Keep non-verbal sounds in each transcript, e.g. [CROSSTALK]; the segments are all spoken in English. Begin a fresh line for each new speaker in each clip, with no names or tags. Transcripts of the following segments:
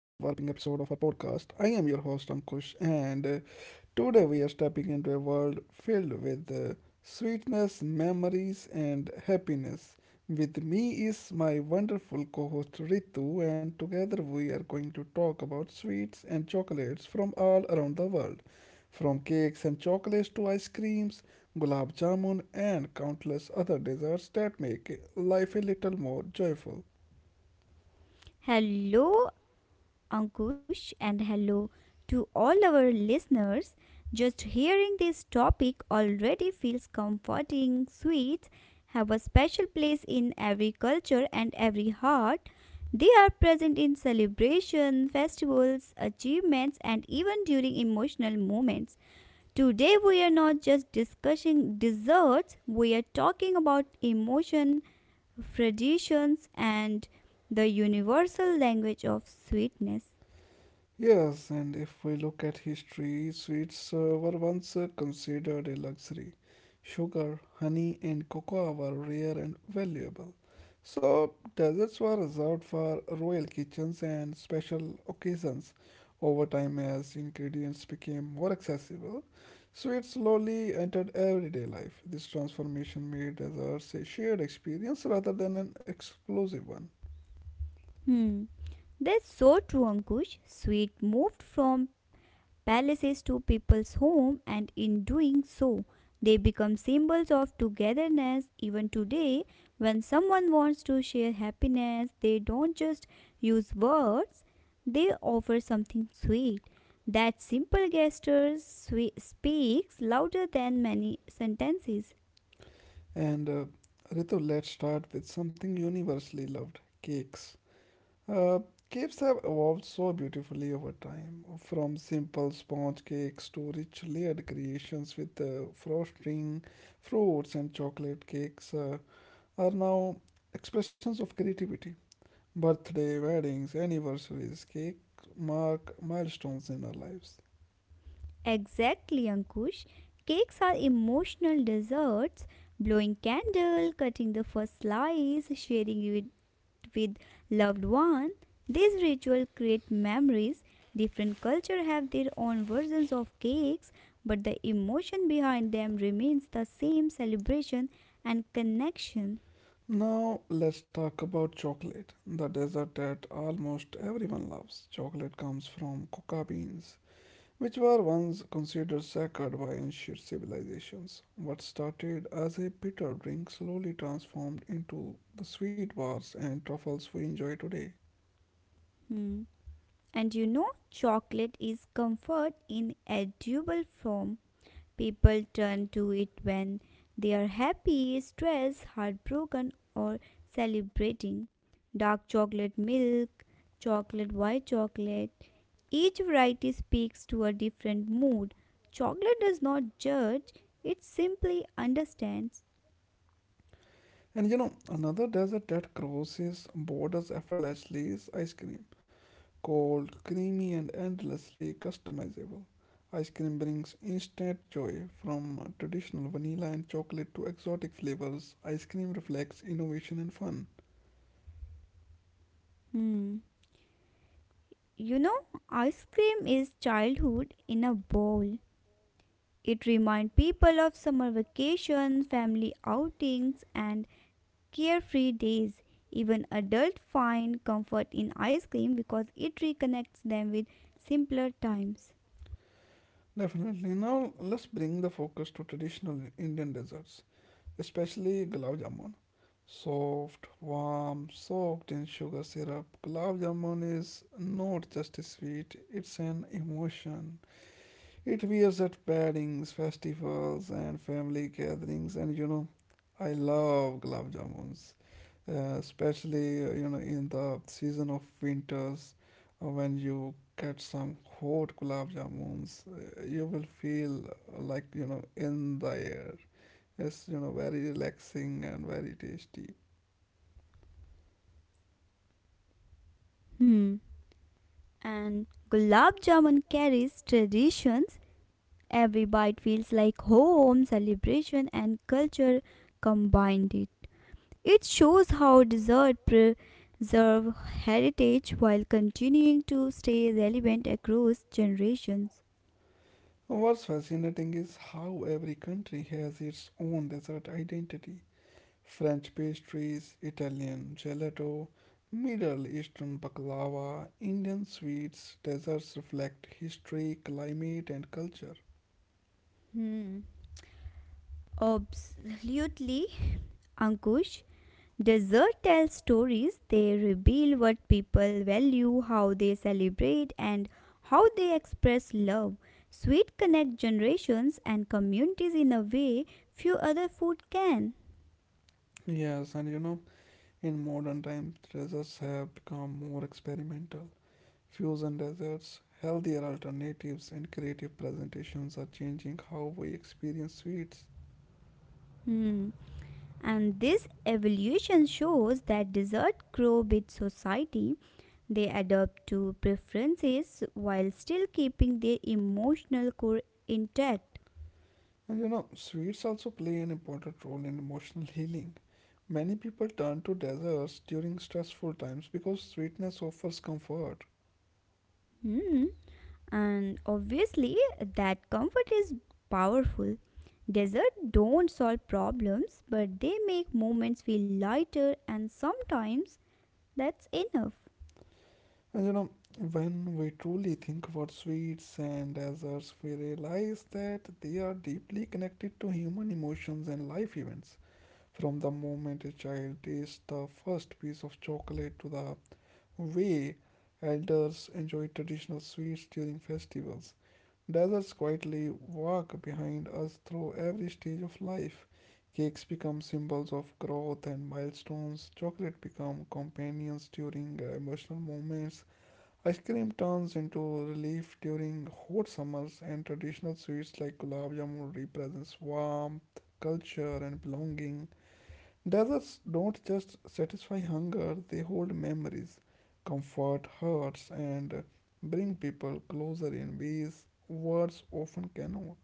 episode of our podcast. I am your host Ankush, and today we are stepping into a world filled with sweetness, memories, and happiness. With me is my wonderful co-host Ritu, and together we are going to talk about sweets and chocolates from all around the world. From cakes and chocolates to ice creams, gulab jamun, and countless other desserts that make life a little more joyful.
Hello, Ankush, and hello to all our listeners. Just hearing this topic already feels comforting. Sweets have a special place in every culture and every heart. They are present in celebration, festivals, achievements, and even during emotional moments. Today, we are not just discussing desserts, we are talking about emotion, traditions, and the universal language of sweetness.
Yes, and if we look at history, sweets were once considered a luxury. Sugar, honey, and cocoa were rare and valuable. So, desserts were reserved for royal kitchens and special occasions. Over time, as ingredients became more accessible, sweets slowly entered everyday life. This transformation made desserts a shared experience rather than an exclusive one.
Hmm, that's so true, Ankush. Sweet moved from palaces to people's home, and in doing so, they become symbols of togetherness. Even today, when someone wants to share happiness, they don't just use words, they offer something sweet. That simple gesture speaks louder than many sentences.
And Ritu, let's start with something universally loved cakes. Uh, Cakes have evolved so beautifully over time, from simple sponge cakes to rich layered creations with frosting, fruits, and chocolate cakes are now expressions of creativity. Birthday, weddings, anniversaries, cake mark milestones in our lives.
Exactly, Ankush. Cakes are emotional desserts. Blowing candle, cutting the first slice, sharing it with loved one. These rituals create memories. Different cultures have their own versions of cakes, but the emotion behind them remains the same celebration and connection.
Now let's talk about chocolate, the dessert that almost everyone loves. Chocolate comes from coca beans, which were once considered sacred by ancient civilizations. What started as a bitter drink slowly transformed into the sweet bars and truffles we enjoy today.
Hmm. And chocolate is comfort in edible form. People turn to it when they are happy, stressed, heartbroken, or celebrating. Dark chocolate milk, chocolate white chocolate. Each variety speaks to a different mood. Chocolate does not judge, it simply understands.
And you know, another dessert that crosses borders effortlessly is ice cream. Cold, creamy, and endlessly customizable, ice cream brings instant joy. From traditional vanilla and chocolate to exotic flavors, ice cream reflects innovation and fun.
Hmm. You know, ice cream is childhood in a bowl. It reminds people of summer vacation, family outings, and carefree days. Even adults find comfort in ice cream because it reconnects them with simpler times.
Definitely. Now let's bring the focus to traditional Indian desserts, especially gulab jamun. Soft, warm, soaked in sugar syrup, gulab jamun is not just a sweet, it's an emotion. It wears at weddings, festivals, and family gatherings. And you know, I love gulab jamuns, especially you know in the season of winters when you get some hot gulab jamuns, you will feel like you know in the air. It's you know very relaxing and very tasty.
Hmm. And gulab jamun carries traditions. Every bite feels like home, celebration, and culture combined. It shows how dessert preserve heritage while continuing to stay relevant across generations.
What's fascinating is how every country has its own dessert identity. French pastries, Italian gelato, Middle Eastern baklava, Indian sweets, desserts reflect history, climate, and culture.
Hmm. Absolutely, Ankush. Dessert tells stories, they reveal what people value, how they celebrate, and how they express love. Sweet connect generations and communities in a way few other food can.
Yes, and you know, in modern times, desserts have become more experimental. Fusion desserts, healthier alternatives, and creative presentations are changing how we experience sweets.
Hmm. And this evolution shows that dessert grow with society. They adapt to preferences while still keeping their emotional core intact.
And you know, sweets also play an important role in emotional healing. Many people turn to desserts during stressful times because sweetness offers comfort.
Hmm, and obviously that comfort is powerful desert don't solve problems but they make moments feel lighter and sometimes that's enough.
And you know, when we truly think about sweets and desserts, we realize that they are deeply connected to human emotions and life events. From the moment a child tastes the first piece of chocolate to the way elders enjoy traditional sweets during festivals. Deserts quietly walk behind us through every stage of life. Cakes become symbols of growth and milestones. Chocolate become companions during emotional moments. Ice cream turns into relief during hot summers, and traditional sweets like gulab jamun represents warmth, culture, and belonging. Deserts don't just satisfy hunger, they hold memories, comfort hurts, and bring people closer in ways words often cannot.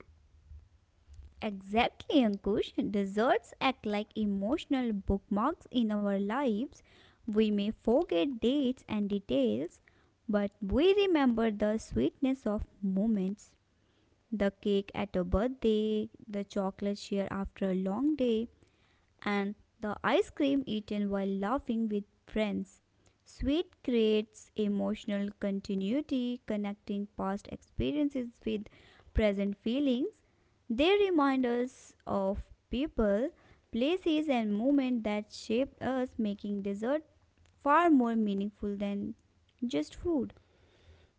Exactly, Ankush. Desserts act like emotional bookmarks in our lives. We may forget dates and details, but we remember the sweetness of moments, the cake at a birthday, the chocolate share after a long day, and the ice cream eaten while laughing with friends. Sweet creates emotional continuity, connecting past experiences with present feelings. They remind us of people, places, and moments that shaped us, making dessert far more meaningful than just food.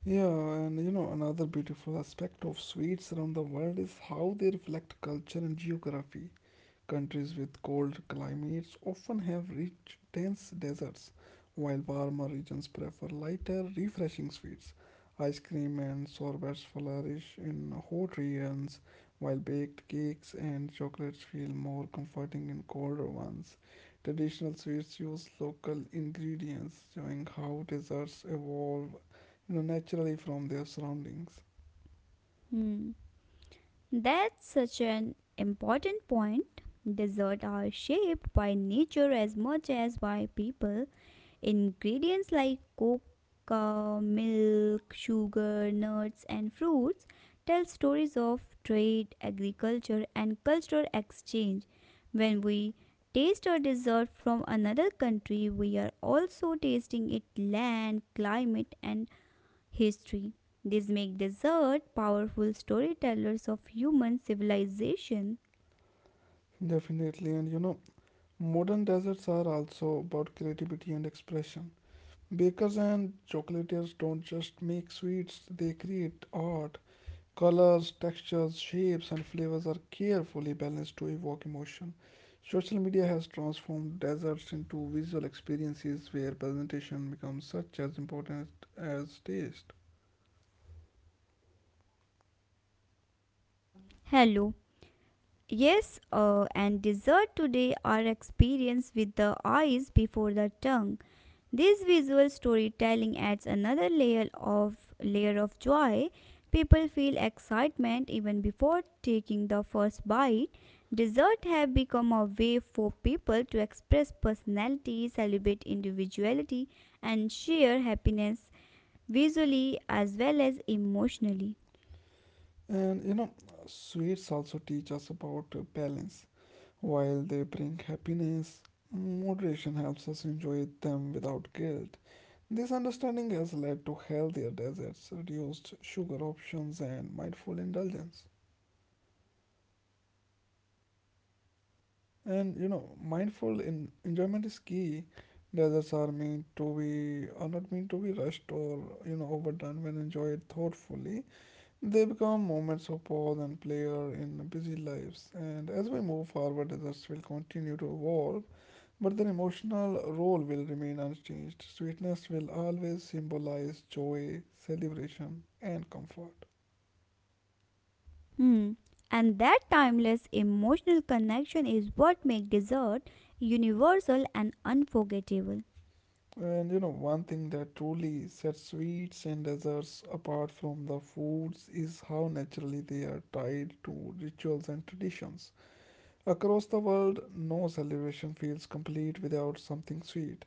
Yeah, and you know, another beautiful aspect of sweets around the world is how they reflect culture and geography. Countries with cold climates often have rich, dense deserts, while warmer regions prefer lighter, refreshing sweets. Ice cream and sorbets flourish in hot regions, while baked cakes and chocolates feel more comforting in colder ones. Traditional sweets use local ingredients, showing how desserts evolve you know, naturally from their surroundings.
Hmm. That's such an important point. Desserts are shaped by nature as much as by people. Ingredients like cocoa, milk, sugar, nuts, and fruits tell stories of trade, agriculture, and cultural exchange. When we taste a dessert from another country, we are also tasting its land, climate, and history. This makes dessert powerful storytellers of human civilization.
Definitely, and you know, modern desserts are also about creativity and expression. Bakers and chocolatiers don't just make sweets, they create art. Colors, textures, shapes, and flavors are carefully balanced to evoke emotion. Social media has transformed desserts into visual experiences where presentation becomes such as important as taste.
Hello. Yes, and dessert today are experienced with the eyes before the tongue. This visual storytelling adds another layer of joy. People feel excitement even before taking the first bite. Dessert have become a way for people to express personality, celebrate individuality, and share happiness visually as well as emotionally.
And you know, sweets also teach us about balance. While they bring happiness, moderation helps us enjoy them without guilt. This understanding has led to healthier desserts, reduced sugar options, and mindful indulgence. And you know, mindful enjoyment is key. Desserts are meant to be are not meant to be rushed or you know overdone. When enjoyed thoughtfully, they become moments of pause and pleasure in busy lives. And as we move forward, desserts will continue to evolve. But their emotional role will remain unchanged. Sweetness will always symbolize joy, celebration, and comfort.
Hmm. And that timeless emotional connection is what makes dessert universal and unforgettable.
And you know, one thing that truly sets sweets and desserts apart from the foods is how naturally they are tied to rituals and traditions. Across the world, no celebration feels complete without something sweet.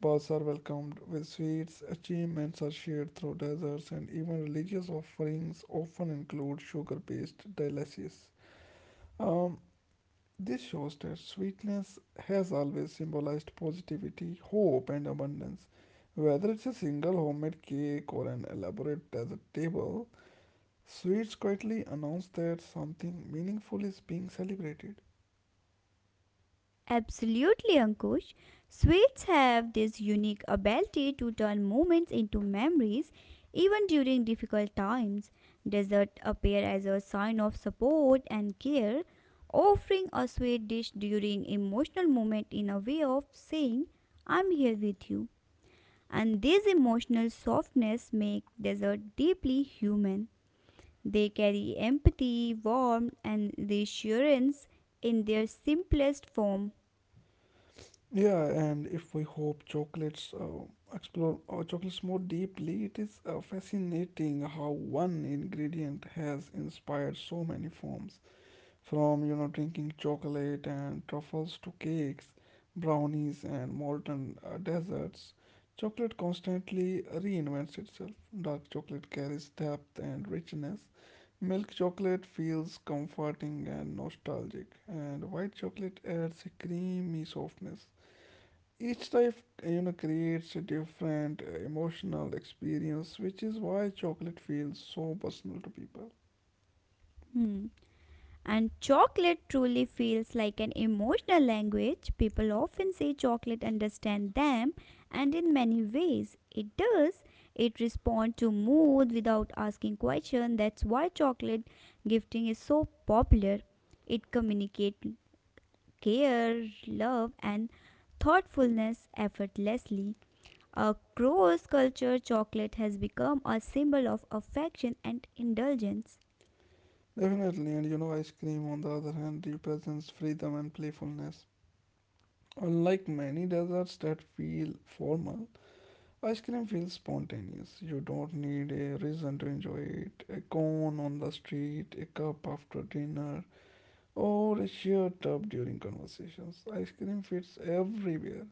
Births are welcomed with sweets, achievements are shared through desserts, and even religious offerings often include sugar based delicacies. Um, this shows that sweetness has always symbolized positivity, hope, and abundance. Whether it's a single homemade cake or an elaborate dessert table, sweets quietly announce that something meaningful is being celebrated.
Absolutely, Ankush. Sweets have this unique ability to turn moments into memories even during difficult times. Dessert appear as a sign of support and care, offering a sweet dish during emotional moment in a way of saying, I'm here with you. And this emotional softness make desert deeply human. They carry empathy, warmth, and reassurance in their simplest form.
Yeah, and if we hope chocolates explore chocolates more deeply, it is fascinating how one ingredient has inspired so many forms, from you know drinking chocolate and truffles to cakes, brownies and molten desserts. Chocolate constantly reinvents itself. Dark chocolate carries depth and richness. Milk chocolate feels comforting and nostalgic, and white chocolate adds a creamy softness. Each type, you know, creates a different emotional experience, which is why chocolate feels so personal to people.
Hmm. And chocolate truly feels like an emotional language. People often say chocolate understands them, and in many ways it does. It responds to mood without asking questions. That's why chocolate gifting is so popular. It communicates care, love, and thoughtfulness effortlessly. Across culture, chocolate has become a symbol of affection and indulgence.
Definitely, and you know, ice cream on the other hand represents freedom and playfulness. Unlike many desserts that feel formal, ice cream feels spontaneous. You don't need a reason to enjoy it. A cone on the street, a cup after dinner, or a shared tub during conversations. Ice cream fits everywhere.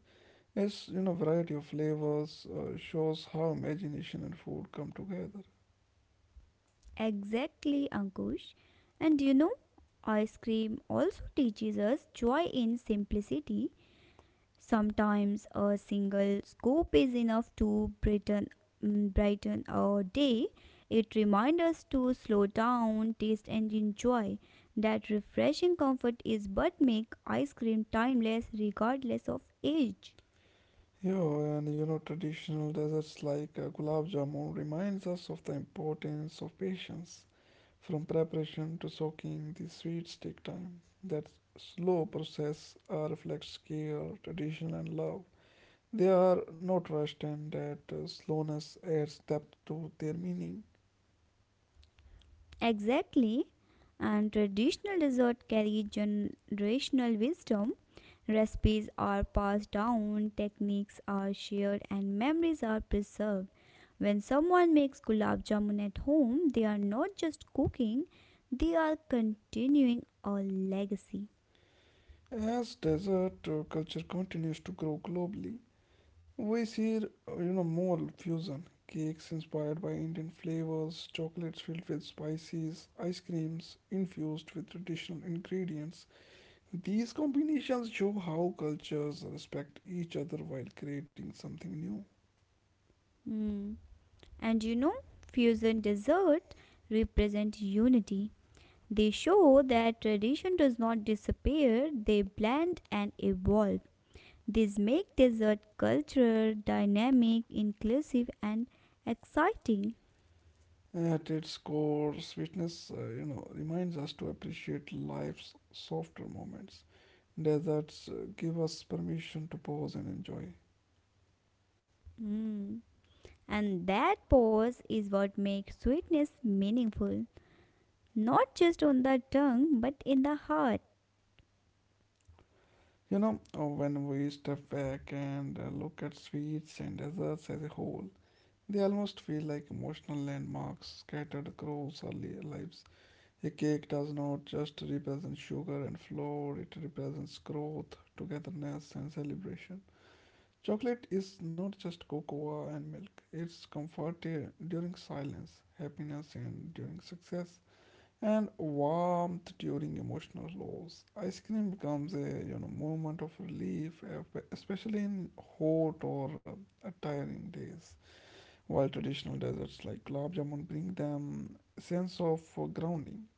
Yes, you know, variety of flavors shows how imagination and food come together.
Exactly, Ankush. And ice cream also teaches us joy in simplicity. Sometimes a single scoop is enough to brighten our day. It reminds us to slow down, taste, and enjoy. That refreshing comfort is what make ice cream timeless regardless of age.
Yeah, and you know, traditional desserts like gulab jamun reminds us of the importance of patience. From preparation to soaking, the sweets take time. That slow process reflects care, tradition, and love. They are not rushed, and that slowness adds depth to their meaning.
Exactly. And traditional dessert carry generational wisdom. Recipes are passed down, techniques are shared, and memories are preserved. When someone makes gulab jamun at home, they are not just cooking, they are continuing a legacy.
As dessert culture continues to grow globally, we see, you know, more fusion cakes inspired by Indian flavors, chocolates filled with spices, ice creams infused with traditional ingredients. These combinations show how cultures respect each other while creating something new.
Hmm. And fusion dessert represent unity. They show that tradition does not disappear, they blend and evolve. These make dessert culture dynamic, inclusive, and exciting.
At its core, sweetness, you know, reminds us to appreciate life's softer moments. Deserts give us permission to pause and enjoy.
Mm. And that pause is what makes sweetness meaningful, not just on the tongue but in the heart.
You know, when we step back and look at sweets and desserts as a whole, they almost feel like emotional landmarks scattered across our lives. A cake does not just represent sugar and flour, it represents growth, togetherness, and celebration. Chocolate is not just cocoa and milk, it's comfort during silence, happiness, and during success and warmth during emotional lows. Ice cream becomes a you know moment of relief, especially in hot or tiring days. While traditional desserts like gulab jamun bring them a sense of grounding,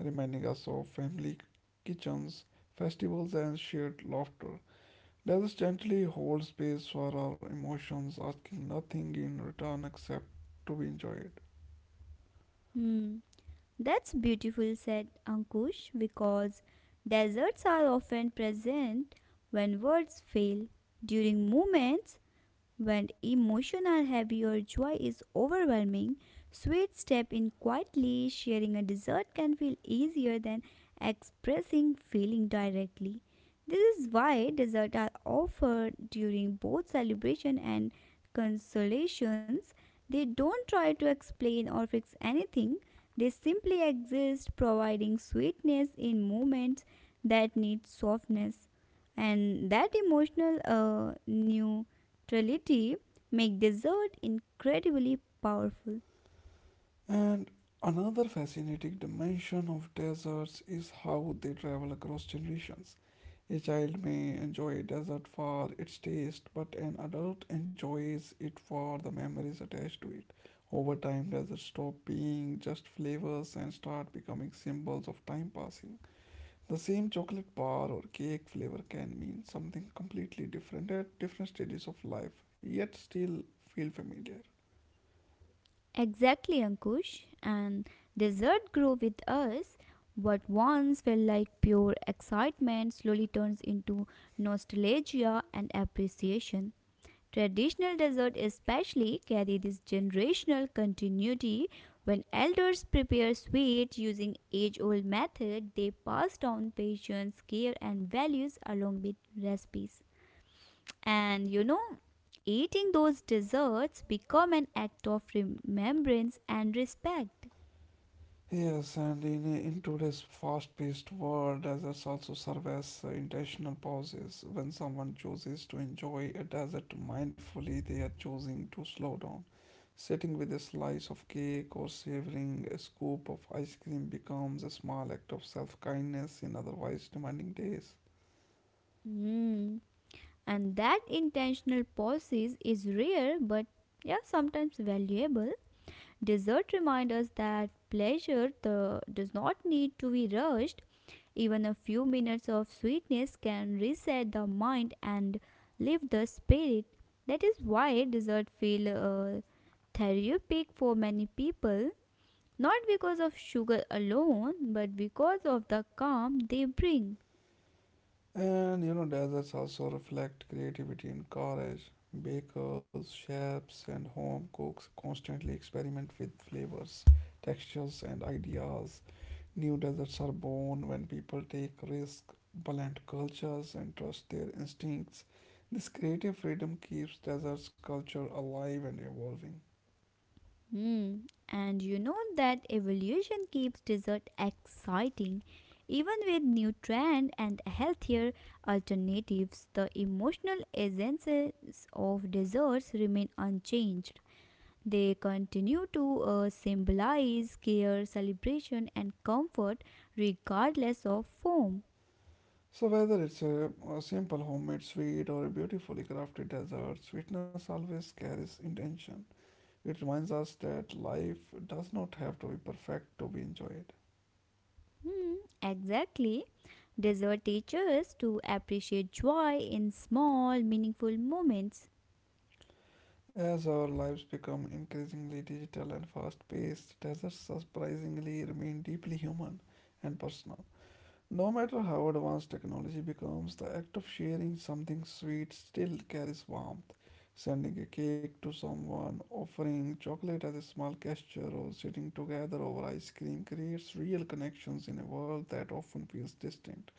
reminding us of family kitchens, festivals, and shared laughter. Desserts gently hold space for our emotions, asking nothing in return except to be enjoyed.
Mm. That's beautiful, said Ankush, because desserts are often present when words fail during moments when emotional heavy or joy is overwhelming, sweet step in quietly sharing a dessert can feel easier than expressing feeling directly. This is why desserts are offered during both celebration and consolations. They don't try to explain or fix anything. They simply exist, providing sweetness in moments that need softness. And that emotional new neutrality make dessert incredibly powerful.
And another fascinating dimension of deserts is how they travel across generations. A child may enjoy a desert for its taste, but an adult enjoys it for the memories attached to it. Over time, deserts stop being just flavors and start becoming symbols of time passing. The same chocolate bar or cake flavor can mean something completely different at different stages of life, yet still feel familiar.
Exactly, Ankush. And dessert grow with us. What once felt like pure excitement slowly turns into nostalgia and appreciation. Traditional dessert especially carry this generational continuity when elders prepare sweet using age-old method. They pass down patience, care, and values along with recipes. And eating those desserts become an act of remembrance and respect.
Yes, and in today's fast paced world, deserts also serve as intentional pauses. When someone chooses to enjoy a desert mindfully, they are choosing to slow down. Sitting with a slice of cake or savoring a scoop of ice cream becomes a small act of self kindness in otherwise demanding days.
Mm. And that intentional pauses is rare but yeah, sometimes valuable. Dessert reminds us that pleasure does not need to be rushed. Even a few minutes of sweetness can reset the mind and lift the spirit. That is why dessert feel therapeutic for many people, not because of sugar alone, but because of the calm they bring.
And you know, deserts also reflect creativity and courage. Bakers, chefs, and home cooks constantly experiment with flavors, textures, and ideas. New deserts are born when people take risks, blend cultures, and trust their instincts. This creative freedom keeps deserts culture alive and evolving.
Hmm. And you know that evolution keeps dessert exciting. Even with new trend and healthier alternatives, the emotional essences of desserts remain unchanged. They continue to symbolize care, celebration, and comfort regardless of form.
So, whether it's a simple homemade sweet or a beautifully crafted dessert, sweetness always carries intention. It reminds us that life does not have to be perfect to be enjoyed.
Hmm, exactly. Desert teaches to appreciate joy in small, meaningful moments.
As our lives become increasingly digital and fast paced, deserts surprisingly remain deeply human and personal. No matter how advanced technology becomes, the act of sharing something sweet still carries warmth. Sending a cake to someone, offering chocolate as a small gesture, or sitting together over ice cream creates real connections in a world that often feels distant.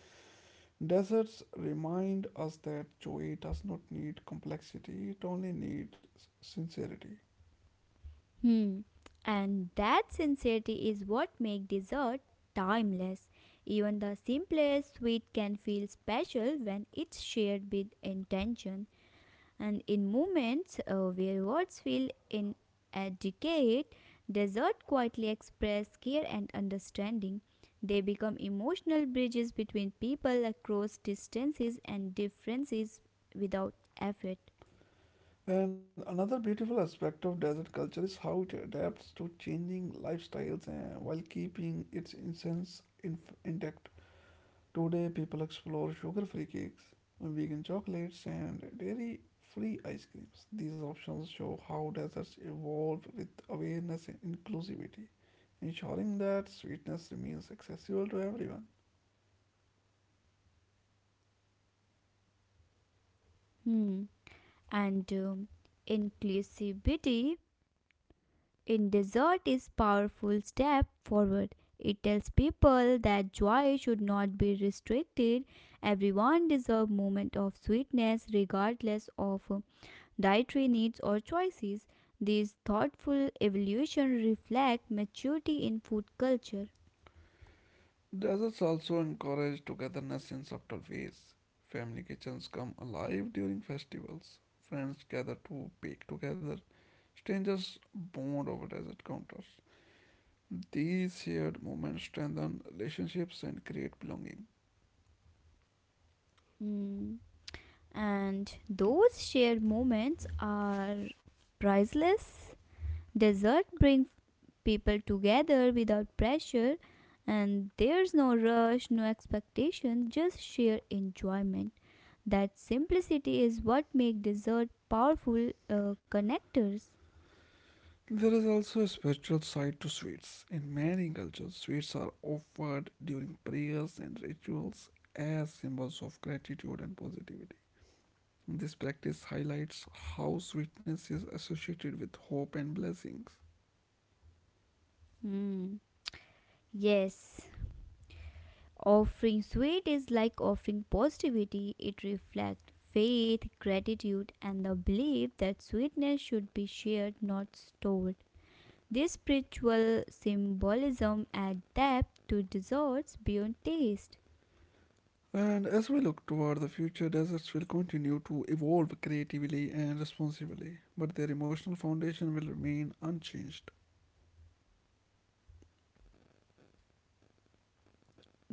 Deserts remind us that joy does not need complexity, it only needs sincerity.
Hmm. And that sincerity is what makes dessert timeless. Even the simplest sweet can feel special when it's shared with intention. And in moments where words feel inadequate, desert quietly express care and understanding. They become emotional bridges between people across distances and differences without effort.
And another beautiful aspect of desert culture is how it adapts to changing lifestyles while keeping its essence intact. Today, people explore sugar free cakes, vegan chocolates, and dairy free ice creams. These options show how deserts evolve with awareness and inclusivity, ensuring that sweetness remains accessible to everyone.
Hmm. And inclusivity in desert is powerful step forward. It tells people that joy should not be restricted. Everyone deserves moment of sweetness regardless of dietary needs, or choices. These thoughtful evolution reflect maturity in food culture.
Deserts also encourage togetherness in subtle ways. Family kitchens come alive during festivals. Friends gather to bake together. Strangers bond over desert counters. These shared moments strengthen relationships and create belonging.
Mm. And those shared moments are priceless. Dessert brings people together without pressure and there's no rush, no expectation, just sheer enjoyment. That simplicity is what makes dessert powerful connectors.
There is also a spiritual side to sweets. In many cultures, sweets are offered during prayers and rituals as symbols of gratitude and positivity. This practice highlights how sweetness is associated with hope and blessings.
Hmm. Yes, offering sweet is like offering positivity. It reflects faith, gratitude, and the belief that sweetness should be shared, not stored. This spiritual symbolism adds depth to desserts beyond taste.
And as we look toward the future, deserts will continue to evolve creatively and responsibly, but their emotional foundation will remain unchanged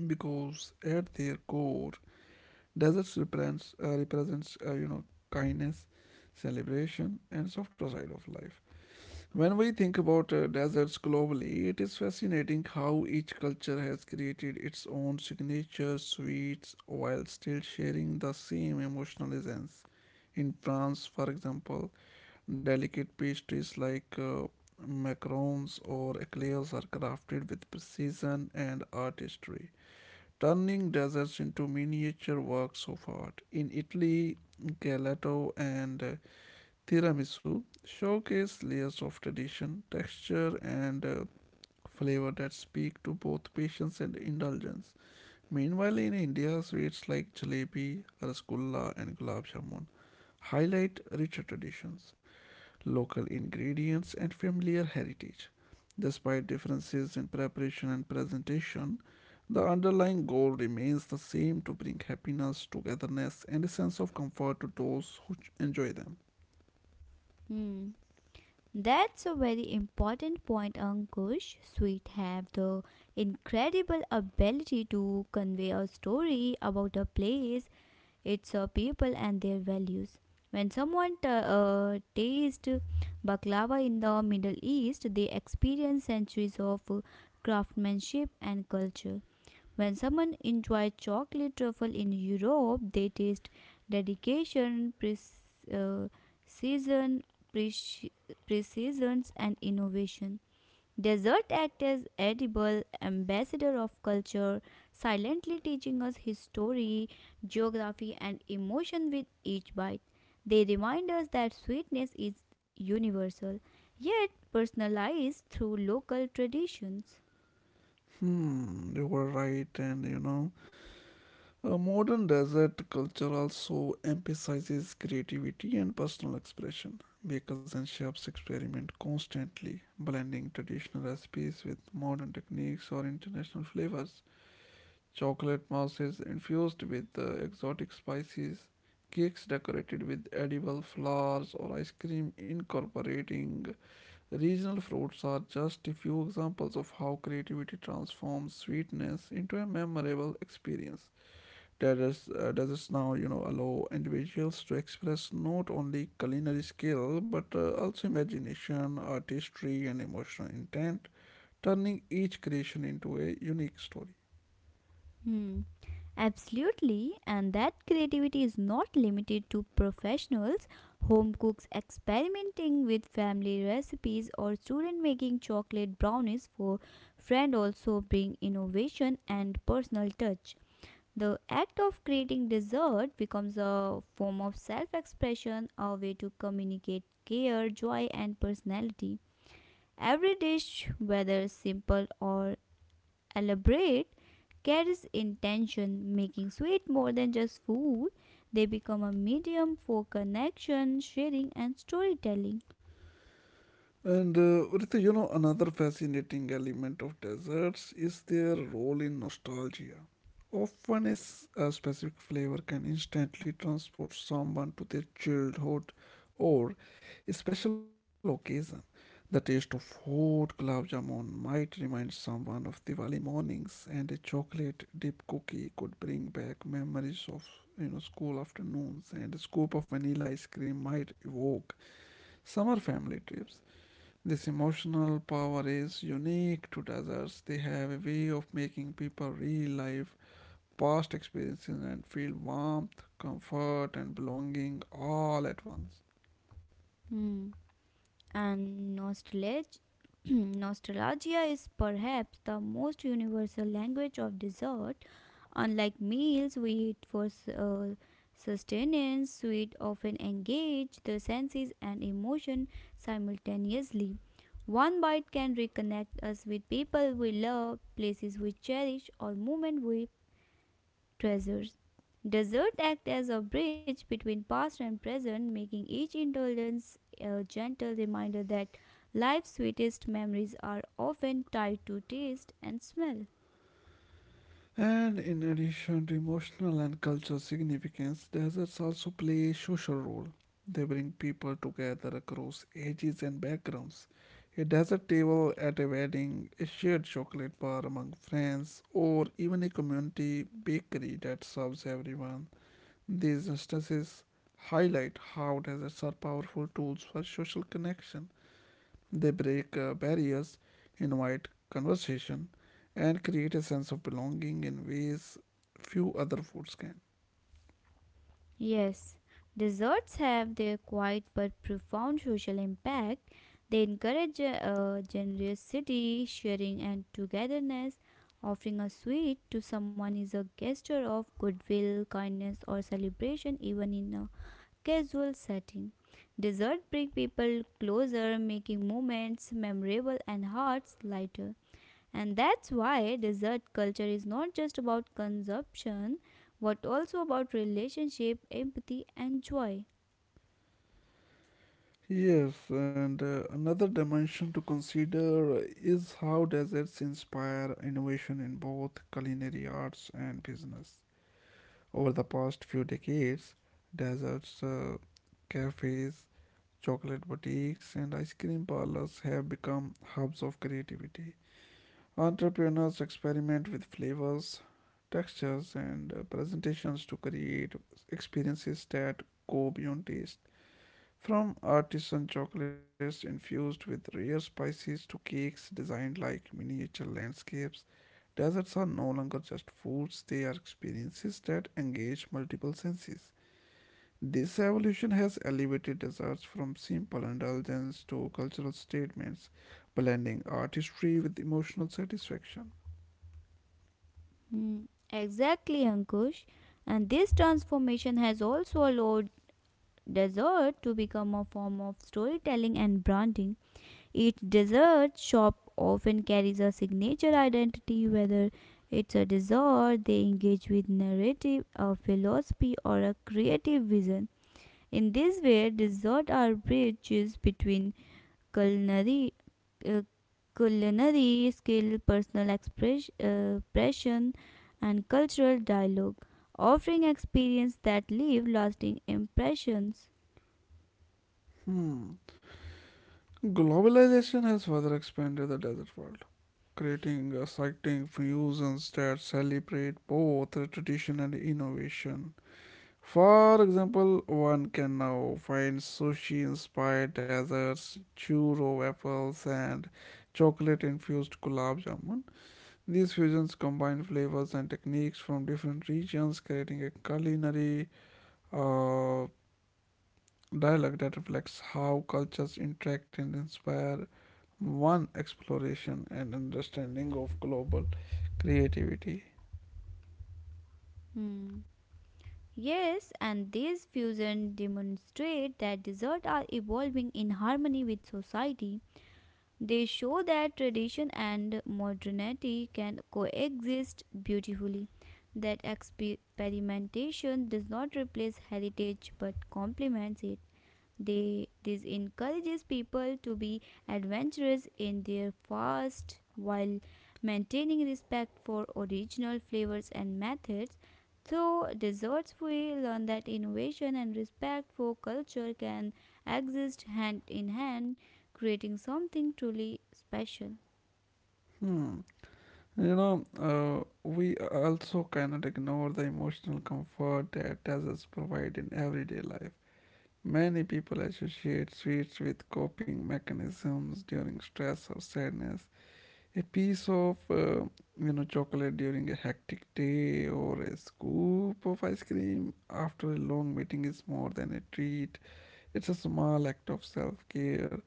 because at their core, deserts represents kindness, celebration, and softer side of life. When we think about deserts globally, it is fascinating how each culture has created its own signature sweets while still sharing the same emotional essence. In France, for example, delicate pastries like macarons or eclairs are crafted with precision and artistry, turning deserts into miniature works of art. In Italy, gelato and Tiramisu showcase layers of tradition, texture, and flavor that speak to both patience and indulgence. Meanwhile, in India, sweets like jalebi, rasgulla, and gulab jamun highlight richer traditions, local ingredients, and familiar heritage. Despite differences in preparation and presentation, the underlying goal remains the same to bring happiness, togetherness, and a sense of comfort to those who enjoy them.
Hmm. That's a very important point, Ankush. Sweet have the incredible ability to convey a story about a place. It's our people and their values. When someone tastes baklava in the Middle East, they experience centuries of craftsmanship and culture. When someone enjoys chocolate truffle in Europe, they taste dedication, precision, and innovation. Desert act as edible ambassador of culture, silently teaching us history, geography, and emotion with each bite. They remind us that sweetness is universal, yet personalized through local traditions.
Hmm, you were right, and a modern desert culture also emphasizes creativity and personal expression. Bakers and chefs experiment constantly, blending traditional recipes with modern techniques or international flavors. Chocolate mousse infused with exotic spices, cakes decorated with edible flowers, or ice cream incorporating regional fruits are just a few examples of how creativity transforms sweetness into a memorable experience. Desserts now allow individuals to express not only culinary skill but also imagination, artistry, and emotional intent, turning each creation into a unique story.
Hmm. Absolutely, and that creativity is not limited to professionals. Home cooks experimenting with family recipes or student making chocolate brownies for friend also bring innovation and personal touch. The act of creating dessert becomes a form of self-expression, a way to communicate care, joy and personality. Every dish, whether simple or elaborate, carries intention, making sweet more than just food. They become a medium for connection, sharing, and storytelling.
And Ritu, another fascinating element of desserts is their role in nostalgia. Often, is a specific flavor can instantly transport someone to their childhood or a special occasion. The taste of hot gulab jamun might remind someone of Diwali mornings, and a chocolate dipped cookie could bring back memories of school afternoons, and a scoop of vanilla ice cream might evoke summer family trips. This emotional power is unique to deserts. They have a way of making people relive past experiences and feel warmth, comfort, and belonging all at once.
Hmm, and nostalgia. [CLEARS THROAT] Nostalgia is perhaps the most universal language of dessert. Unlike meals, we eat for sustenance. Sweet often engage the senses and emotion simultaneously. One bite can reconnect us with people we love, places we cherish, or moments we treasures. Desserts act as a bridge between past and present, making each indulgence a gentle reminder that life's sweetest memories are often tied to taste and smell.
And in addition to emotional and cultural significance, deserts also play a social role. They bring people together across ages and backgrounds. A desert table at a wedding, a shared chocolate bar among friends, or even a community bakery that serves everyone. These instances highlight how deserts are powerful tools for social connection. They break barriers, invite conversation, and create a sense of belonging in ways few other foods can.
Yes, desserts have their quiet but profound social impact. They encourage generosity, sharing, and togetherness. Offering a sweet to someone is a gesture of goodwill, kindness, or celebration, even in a casual setting. Dessert brings people closer, making moments memorable and hearts lighter. And that's why dessert culture is not just about consumption, but also about relationship, empathy, and joy.
Yes, and another dimension to consider is how deserts inspire innovation in both culinary arts and business. Over the past few decades, deserts, uh, cafes, chocolate boutiques and ice cream parlors have become hubs of creativity. Entrepreneurs experiment with flavors, textures, and presentations to create experiences that go beyond taste. From artisan chocolates infused with rare spices to cakes designed like miniature landscapes, desserts are no longer just foods, they are experiences that engage multiple senses. This evolution has elevated desserts from simple indulgence to cultural statements, blending artistry with emotional satisfaction.
Hmm, exactly, Ankush. And this transformation has also allowed dessert to become a form of storytelling and branding. Each dessert shop often carries a signature identity, whether it's a dessert they engage with narrative, a philosophy, or a creative vision. In this way, desserts are bridges between culinary, uh, culinary skill, personal expression, and cultural dialogue, offering experience that leave lasting impressions.
Hmm. Globalization has further expanded the dessert world, creating exciting fusions that celebrate both tradition and innovation. For example, one can now find sushi inspired desserts, churro waffles, and chocolate infused gulab jamun. These fusions combine flavors and techniques from different regions, creating a culinary uh, dialogue that reflects how cultures interact and inspire one exploration and understanding of global creativity.
Hmm. Yes, and these fusions demonstrate that desserts are evolving in harmony with society. They show that tradition and modernity can coexist beautifully, that experimentation does not replace heritage but complements it. This encourages people to be adventurous in their fast while maintaining respect for original flavors and methods. Through desserts, we learn that innovation and respect for culture can exist hand in hand, creating something truly special.
Hmm. We also cannot ignore the emotional comfort that desserts provide in everyday life. Many people associate sweets with coping mechanisms during stress or sadness. A piece of chocolate during a hectic day or a scoop of ice cream after a long meeting is more than a treat. It's a small act of self-care.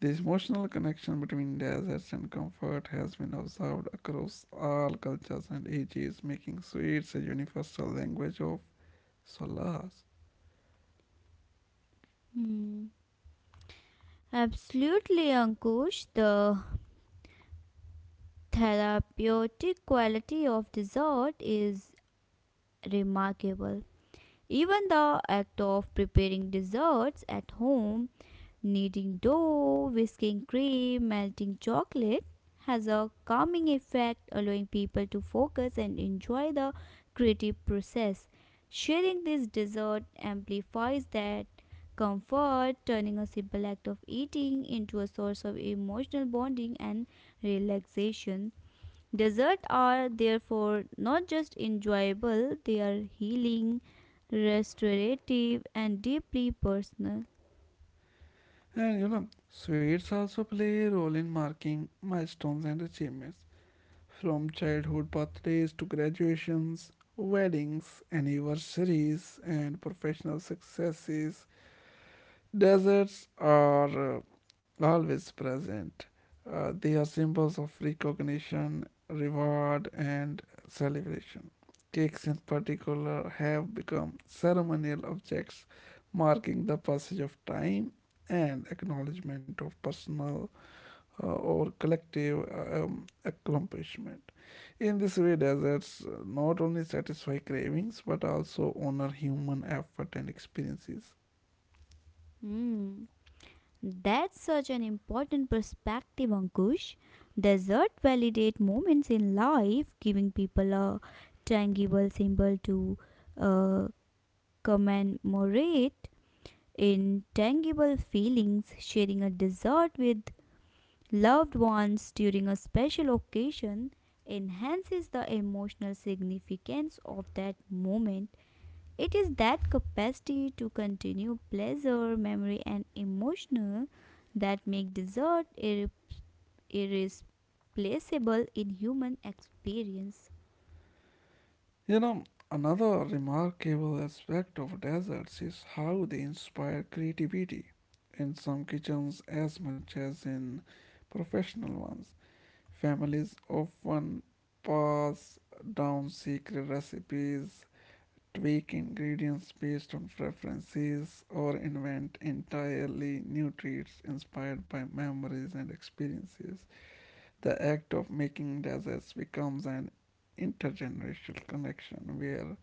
The emotional connection between desserts and comfort has been observed across all cultures and ages, making sweets a universal language of solace.
Hmm. Absolutely, Ankush. The therapeutic quality of dessert is remarkable. Even the act of preparing desserts at home, kneading dough, whisking cream, melting chocolate, has a calming effect, allowing people to focus and enjoy the creative process. Sharing this dessert amplifies that comfort, turning a simple act of eating into a source of emotional bonding and relaxation. Desserts are therefore not just enjoyable, they are healing, restorative, and deeply personal.
And sweets also play a role in marking milestones and achievements. From childhood birthdays to graduations, weddings, anniversaries, and professional successes, deserts are always present. They are symbols of recognition, reward, and celebration. Cakes, in particular, have become ceremonial objects marking the passage of time and acknowledgement of personal or collective accomplishment. In this way, deserts not only satisfy cravings but also honor human effort and experiences.
Hmm. That's such an important perspective, Ankush. Dessert validate moments in life, giving people a tangible symbol to uh, commemorate in tangible feelings. Sharing a dessert with loved ones during a special occasion enhances the emotional significance of that moment. It is that capacity to continue pleasure, memory, and emotional that make dessert irreplaceable in human experience.
You know, another remarkable aspect of deserts is how they inspire creativity. In some kitchens, as much as in professional ones, families often pass down secret recipes tweak ingredients based on preferences, or invent entirely new treats inspired by memories and experiences. The act of making desserts becomes an intergenerational connection where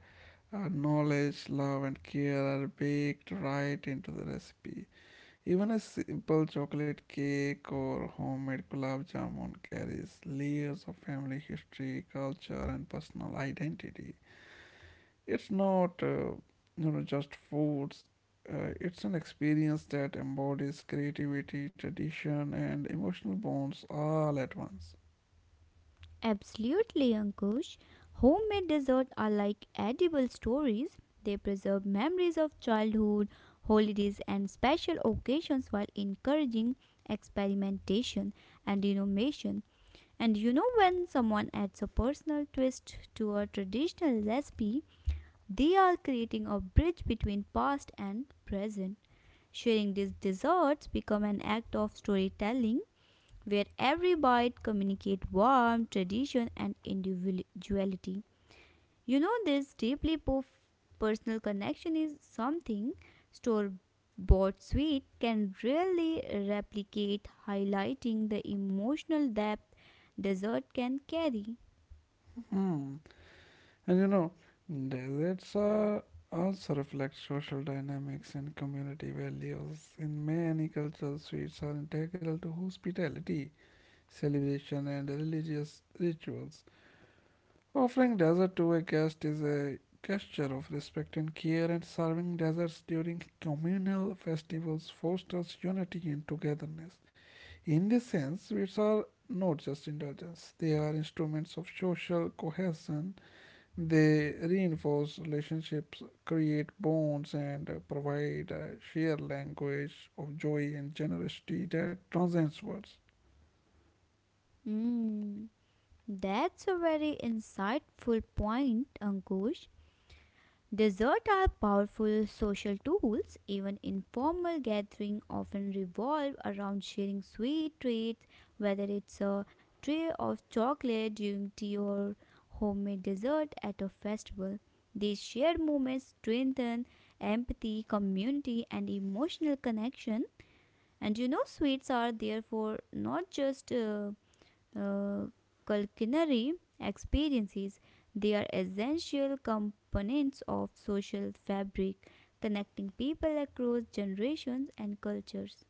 knowledge, love, and care are baked right into the recipe. Even a simple chocolate cake or homemade gulab jamun carries layers of family history, culture, and personal identity. It's not just foods. It's an experience that embodies creativity, tradition, and emotional bonds all at once.
Absolutely, Ankush. Homemade desserts are like edible stories. They preserve memories of childhood, holidays, and special occasions while encouraging experimentation and innovation. And you know, when someone adds a personal twist to a traditional recipe, they are creating a bridge between past and present. Sharing these desserts become an act of storytelling where every bite communicates warmth, tradition, and individuality. You know, this deeply personal connection is something store bought sweet can really replicate, highlighting the emotional depth dessert can carry.
Hmm. And deserts are also reflect social dynamics and community values. In many cultures, sweets are integral to hospitality, celebration, and religious rituals. Offering dessert to a guest is a gesture of respect and care, and serving desserts during communal festivals fosters unity and togetherness. In this sense, sweets are not just indulgence, they are instruments of social cohesion. They reinforce relationships, create bonds, and provide a shared language of joy and generosity that transcends words.
Mm, that's a very insightful point, Ankush. Desserts are powerful social tools. Even informal gatherings often revolve around sharing sweet treats, whether it's a tray of chocolate during tea or homemade dessert at a festival. These shared moments strengthen empathy, community, and emotional connection. And you know, sweets are therefore not just uh, culinary experiences. They are essential components of social fabric, connecting people across generations and cultures.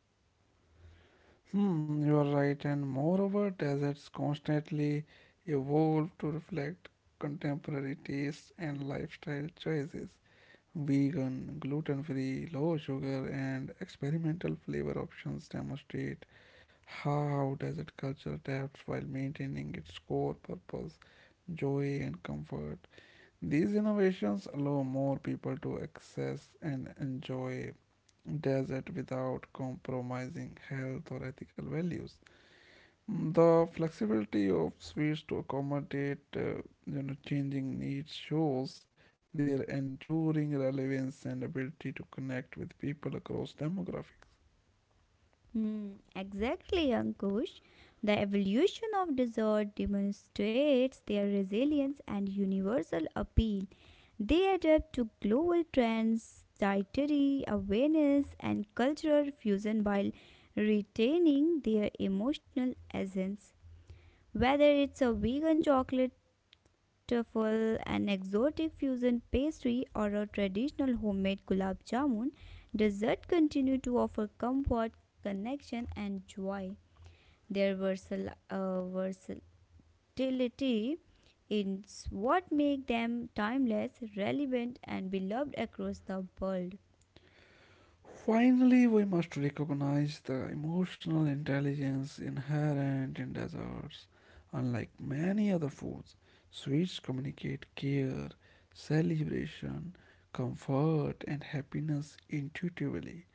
Hmm, you are right, and moreover, deserts constantly evolve to reflect contemporary tastes and lifestyle choices. Vegan, gluten free, low sugar, and experimental flavor options demonstrate how desert culture adapts while maintaining its core purpose joy and comfort. These innovations allow more people to access and enjoy desert without compromising health or ethical values. The flexibility of Swiss to accommodate changing needs shows their enduring relevance and ability to connect with people across demographics.
Hmm, exactly, Ankush. The evolution of dessert demonstrates their resilience and universal appeal. They adapt to global trends, dietary awareness, and cultural fusion while retaining their emotional essence. Whether it's a vegan chocolate truffle, an exotic fusion pastry, or a traditional homemade gulab jamun, desserts continue to offer comfort, connection, and joy. Their versatility is what makes them timeless, relevant, and beloved across the world.
Finally, we must recognize the emotional intelligence inherent in desserts. Unlike many other foods, sweets communicate care, celebration, comfort, and happiness intuitively.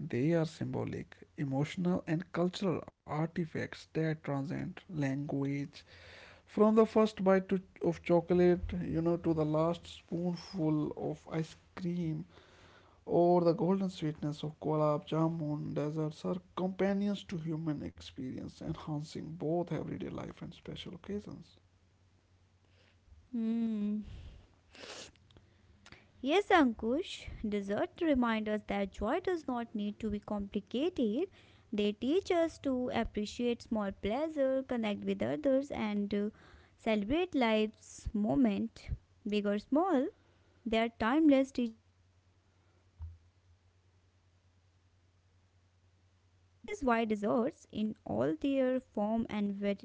They are symbolic, emotional, and cultural artifacts that transcend language. From the first bite to, of chocolate, to the last spoonful of ice cream, or the golden sweetness of gulab jamun, desserts are companions to human experience, enhancing both everyday life and special occasions.
Hmm. Yes, Ankush, dessert remind us that joy does not need to be complicated. They teach us to appreciate small pleasure, connect with others, and celebrate life's moment, big or small. They are timeless teacher of happiness, patience, and emotional expression. That is why desserts, in all their form and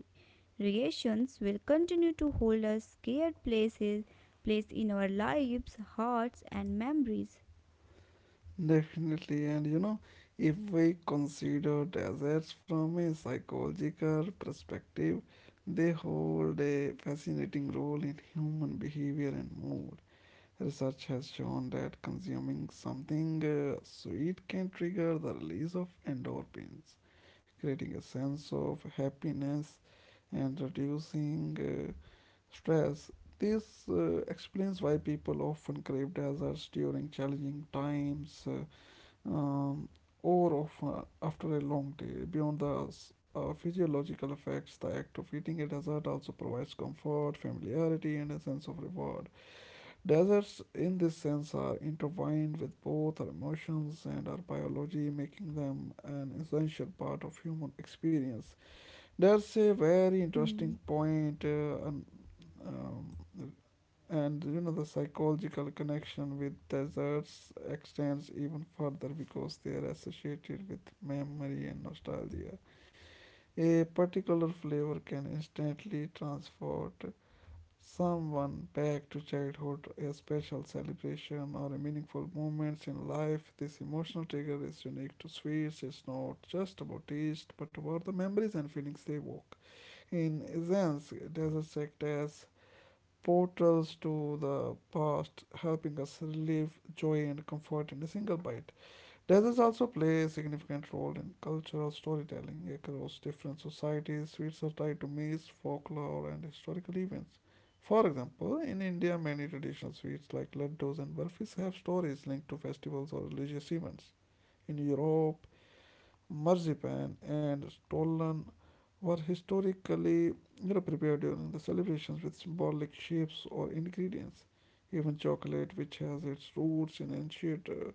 Reactions will continue to hold us scared places, place in our lives, hearts, and memories.
Definitely, and if we consider deserts from a psychological perspective, they hold a fascinating role in human behavior and mood. Research has shown that consuming something sweet can trigger the release of endorphins, creating a sense of happiness and reducing stress. This explains why people often crave deserts during challenging times. Um, or of, after a long day. Beyond the physiological effects, the act of eating a dessert also provides comfort, familiarity, and a sense of reward. Desserts, in this sense, are intertwined with both our emotions and our biology, making them an essential part of human experience. There's a very
Hmm.
interesting point um, the psychological connection with deserts extends even further because they are associated with memory and nostalgia. A particular flavor can instantly transport someone back to childhood, a special celebration, or a meaningful moments in life. This emotional trigger is unique to sweets. It's not just about taste, but about the memories and feelings they evoke. In essence, desserts act as portals to the past, helping us relieve joy and comfort in a single bite. Deserts also play a significant role in cultural storytelling across different societies. Sweets are tied to meals, folklore, and historical events. For example, in India, many traditional sweets like laddus and burfis have stories linked to festivals or religious events. In Europe, marzipan, and stollen were historically prepared during the celebrations with symbolic shapes or ingredients. Even chocolate, which has its roots in ancient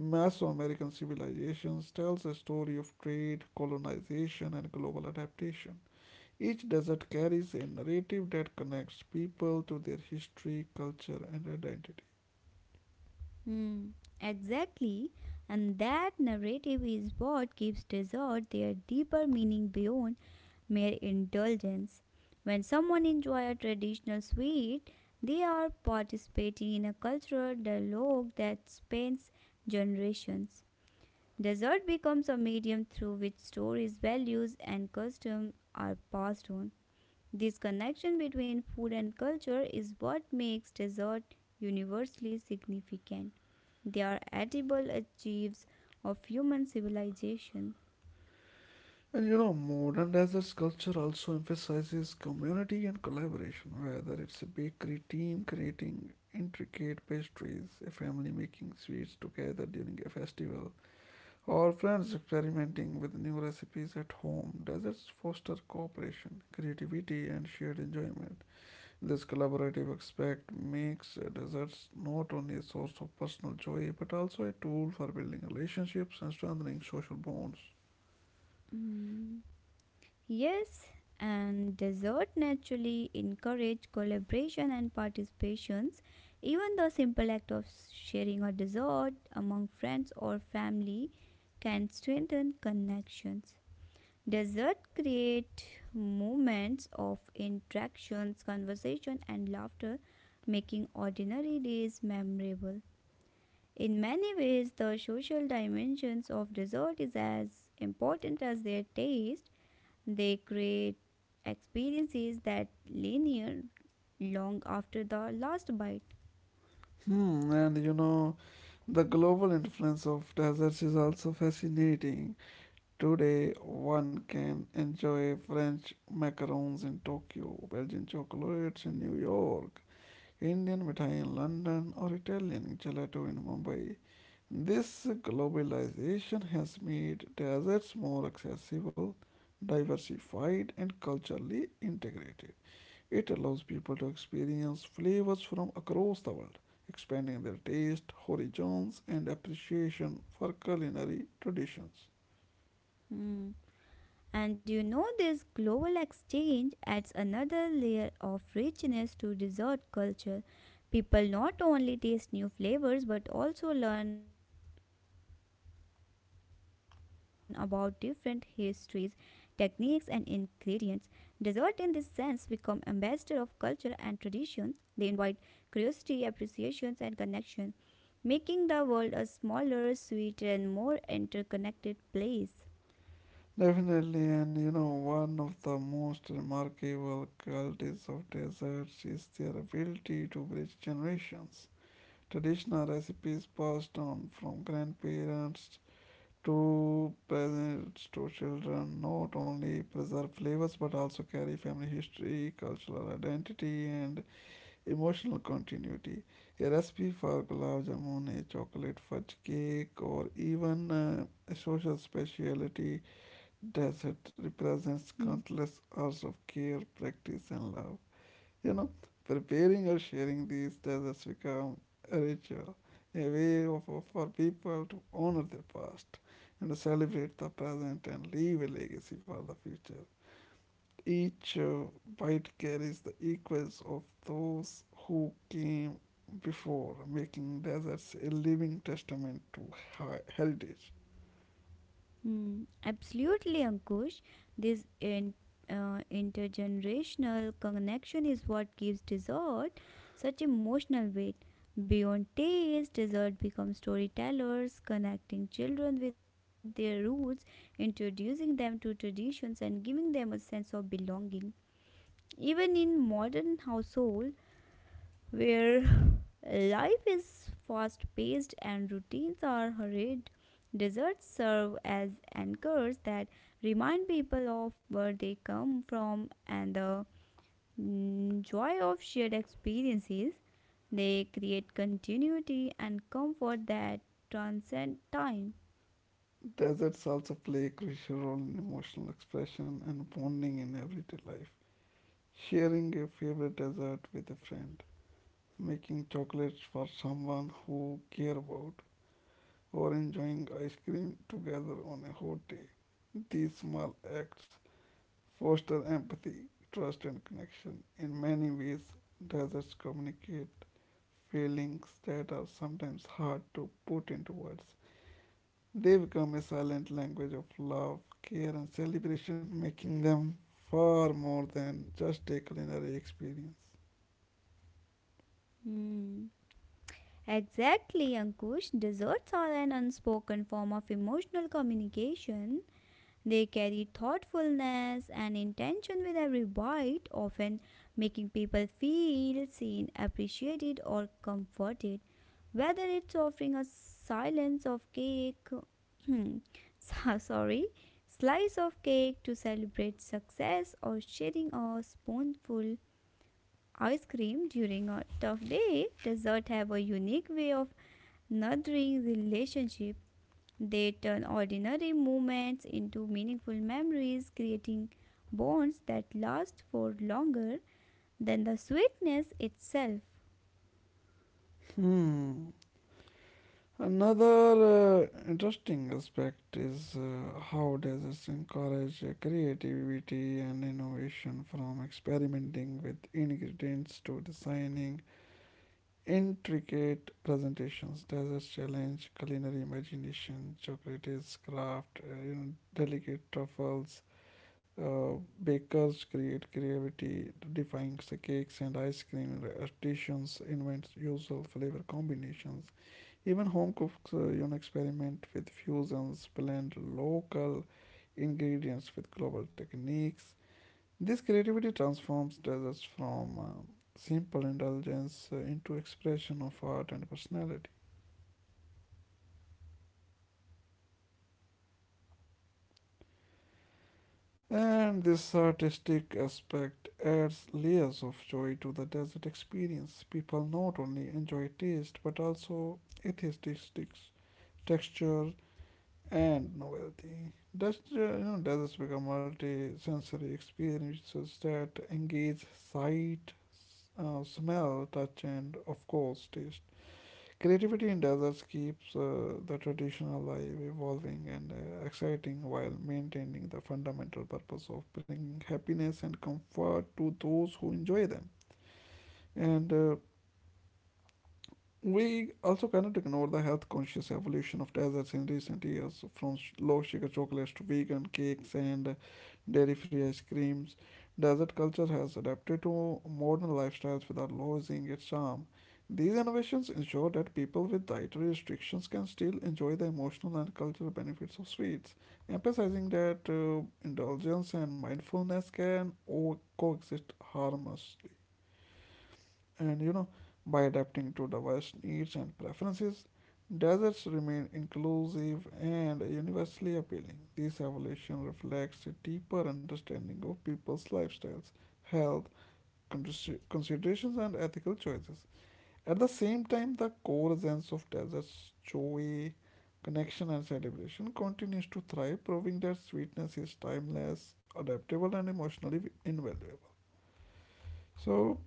Mesoamerican civilizations, tells a story of trade, colonization, and global adaptation. Each desert carries a narrative that connects people to their history, culture, and identity.
Hmm. Exactly, and that narrative is what gives dessert their deeper meaning beyond mere indulgence. When someone enjoys a traditional sweet, they are participating in a cultural dialogue that spans generations. Desert becomes a medium through which stories, values, and customs are passed on. This connection between food and culture is what makes dessert universally significant. They are edible achieves of human civilization.
And modern desert culture also emphasizes community and collaboration, whether it's a bakery team creating intricate pastries, a family making sweets together during a festival, or friends experimenting with new recipes at home. Deserts foster cooperation, creativity, and shared enjoyment. This collaborative aspect makes desserts not only a source of personal joy but also a tool for building relationships and strengthening social bonds.
Mm. Yes, and dessert naturally encourage collaboration and participations. Even the simple act of sharing a dessert among friends or family can strengthen connections. Dessert create moments of interactions, conversation and laughter, making ordinary days memorable. In many ways, the social dimensions of dessert is as important as their taste they create experiences that linger long after the last bite.
Hmm, and the global influence of desserts is also fascinating. Today, one can enjoy French macarons in Tokyo, Belgian chocolates in New York, Indian mithai in London, or Italian gelato in Mumbai. This globalization has made desserts more accessible, diversified, and culturally integrated. It allows people to experience flavors from across the world, expanding their taste, horizons, and appreciation for culinary traditions.
Hmm. And you know, this global exchange adds another layer of richness to dessert culture. People not only taste new flavors but also learn about different histories, techniques, and ingredients. Dessert, in this sense, become ambassador of culture and traditions. They invite curiosity, appreciations, and connection, making the world a smaller, sweeter, and more interconnected place.
Definitely, and you know, one of the most remarkable qualities of desserts is their ability to bridge generations. Traditional recipes passed on from grandparents to presents to children not only preserve flavors but also carry family history, cultural identity, and emotional continuity. A recipe for gulab jamun, a chocolate fudge cake, or even a social speciality
Hmm.
dessert represents countless hours of care, practice, and love. You know, preparing or sharing these desserts become a ritual, a way for people to honor their past and to celebrate the present and leave a legacy for the future. Each bite carries the echoes of those who came before, making deserts a living testament to heritage.
Mm, absolutely, Ankush. This intergenerational connection is what gives dessert such emotional weight. Beyond connecting children with their roots, introducing them to traditions, and giving them a sense of belonging. Even in modern household, where life is fast paced and routines are hurried. Desserts serve as anchors that remind people of where they come from and the joy of shared experiences. They create continuity and comfort that transcend time.
Deserts also play a crucial role in emotional expression and bonding in everyday life. Sharing a favorite dessert with a friend, making chocolates for someone who care about, or enjoying ice cream together on a hot day. These small acts foster empathy, trust, and connection. In many ways, deserts communicate feelings that are sometimes hard to put into words. They become a silent language of love, care, and celebration, making them far more than just a culinary experience.
Hmm. Exactly, Ankush. Desserts are an unspoken form of emotional communication. They carry thoughtfulness and intention with every bite, often making people feel seen, appreciated, or comforted. Whether it's offering a silence of cake, [CLEARS THROAT] sorry, slice of cake to celebrate success, or sharing a spoonful ice cream during a tough day, dessert have a unique way of nurturing relationship they turn ordinary moments into meaningful memories, creating bonds that last for longer than the sweetness itself.
Hmm. Another interesting aspect is how deserts encourage creativity and innovation from experimenting with ingredients to designing intricate presentations. Deserts challenge culinary imagination, chocolates craft, you know, delicate truffles. Uh, Bakers create creativity, defying cakes and ice cream. Artisans invent usual flavor combinations even home cooks you know, experiment with fusions, blend local
Yeah,
ingredients with global techniques. This creativity transforms deserts from simple indulgence into expression of art and personality. And this artistic aspect adds layers of joy to the desert experience. People not only enjoy taste but also aesthetics, texture, and novelty. Thus, you know, deserts become multi-sensory experiences that engage sight, smell, touch, and of course, taste. Creativity in deserts keeps the tradition alive, evolving, and exciting while maintaining the fundamental purpose of bringing happiness and comfort to those who enjoy them. And We also cannot ignore the health conscious evolution of desserts in recent years, from low sugar chocolates to vegan cakes and dairy free ice creams. Desert culture has adapted to modern lifestyles without losing its charm. These innovations ensure that people with dietary restrictions can still enjoy the emotional and cultural benefits of sweets, emphasizing that indulgence and mindfulness can coexist harmonious- and you know, by adapting to diverse needs and preferences, deserts remain inclusive and universally appealing. This evolution reflects a deeper understanding of people's lifestyles, health, considerations, and ethical choices. At the same time, the core essence of deserts, joy, connection, and celebration continues to thrive, proving that sweetness is timeless, adaptable, and emotionally invaluable. So,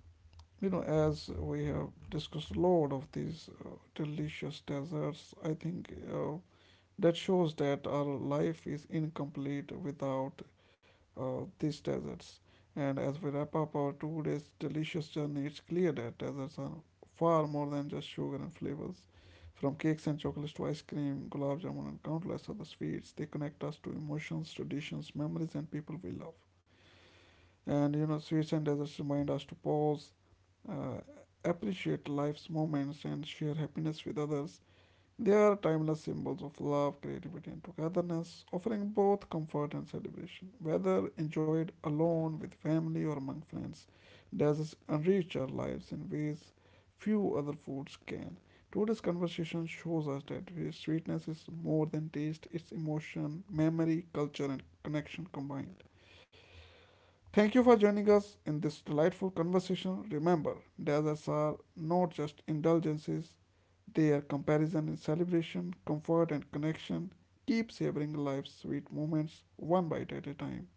you know, as we have discussed a lot of these delicious desserts, I think that shows that our life is incomplete without these desserts. And as we wrap up our 2 days delicious journey, it's clear that desserts are far more than just sugar and flavors. From cakes and chocolates to ice cream, gulab jamun, and countless other sweets, they connect us to emotions, traditions, memories, and people we love. And you know, sweets and desserts remind us to pause, uh, appreciate life's moments, and share happiness with others. They are timeless symbols of love, creativity, and togetherness, offering both comfort and celebration. Whether enjoyed alone, with family, or among friends, desserts enrich our lives in ways few other foods can. Today's conversation shows us that sweetness is more than taste, it's emotion, memory, culture, and connection combined. Thank you for joining us in this delightful conversation. Remember, deserts are not just indulgences, they are comparison in celebration, comfort, and connection. Keep savoring life's sweet moments one bite at a time.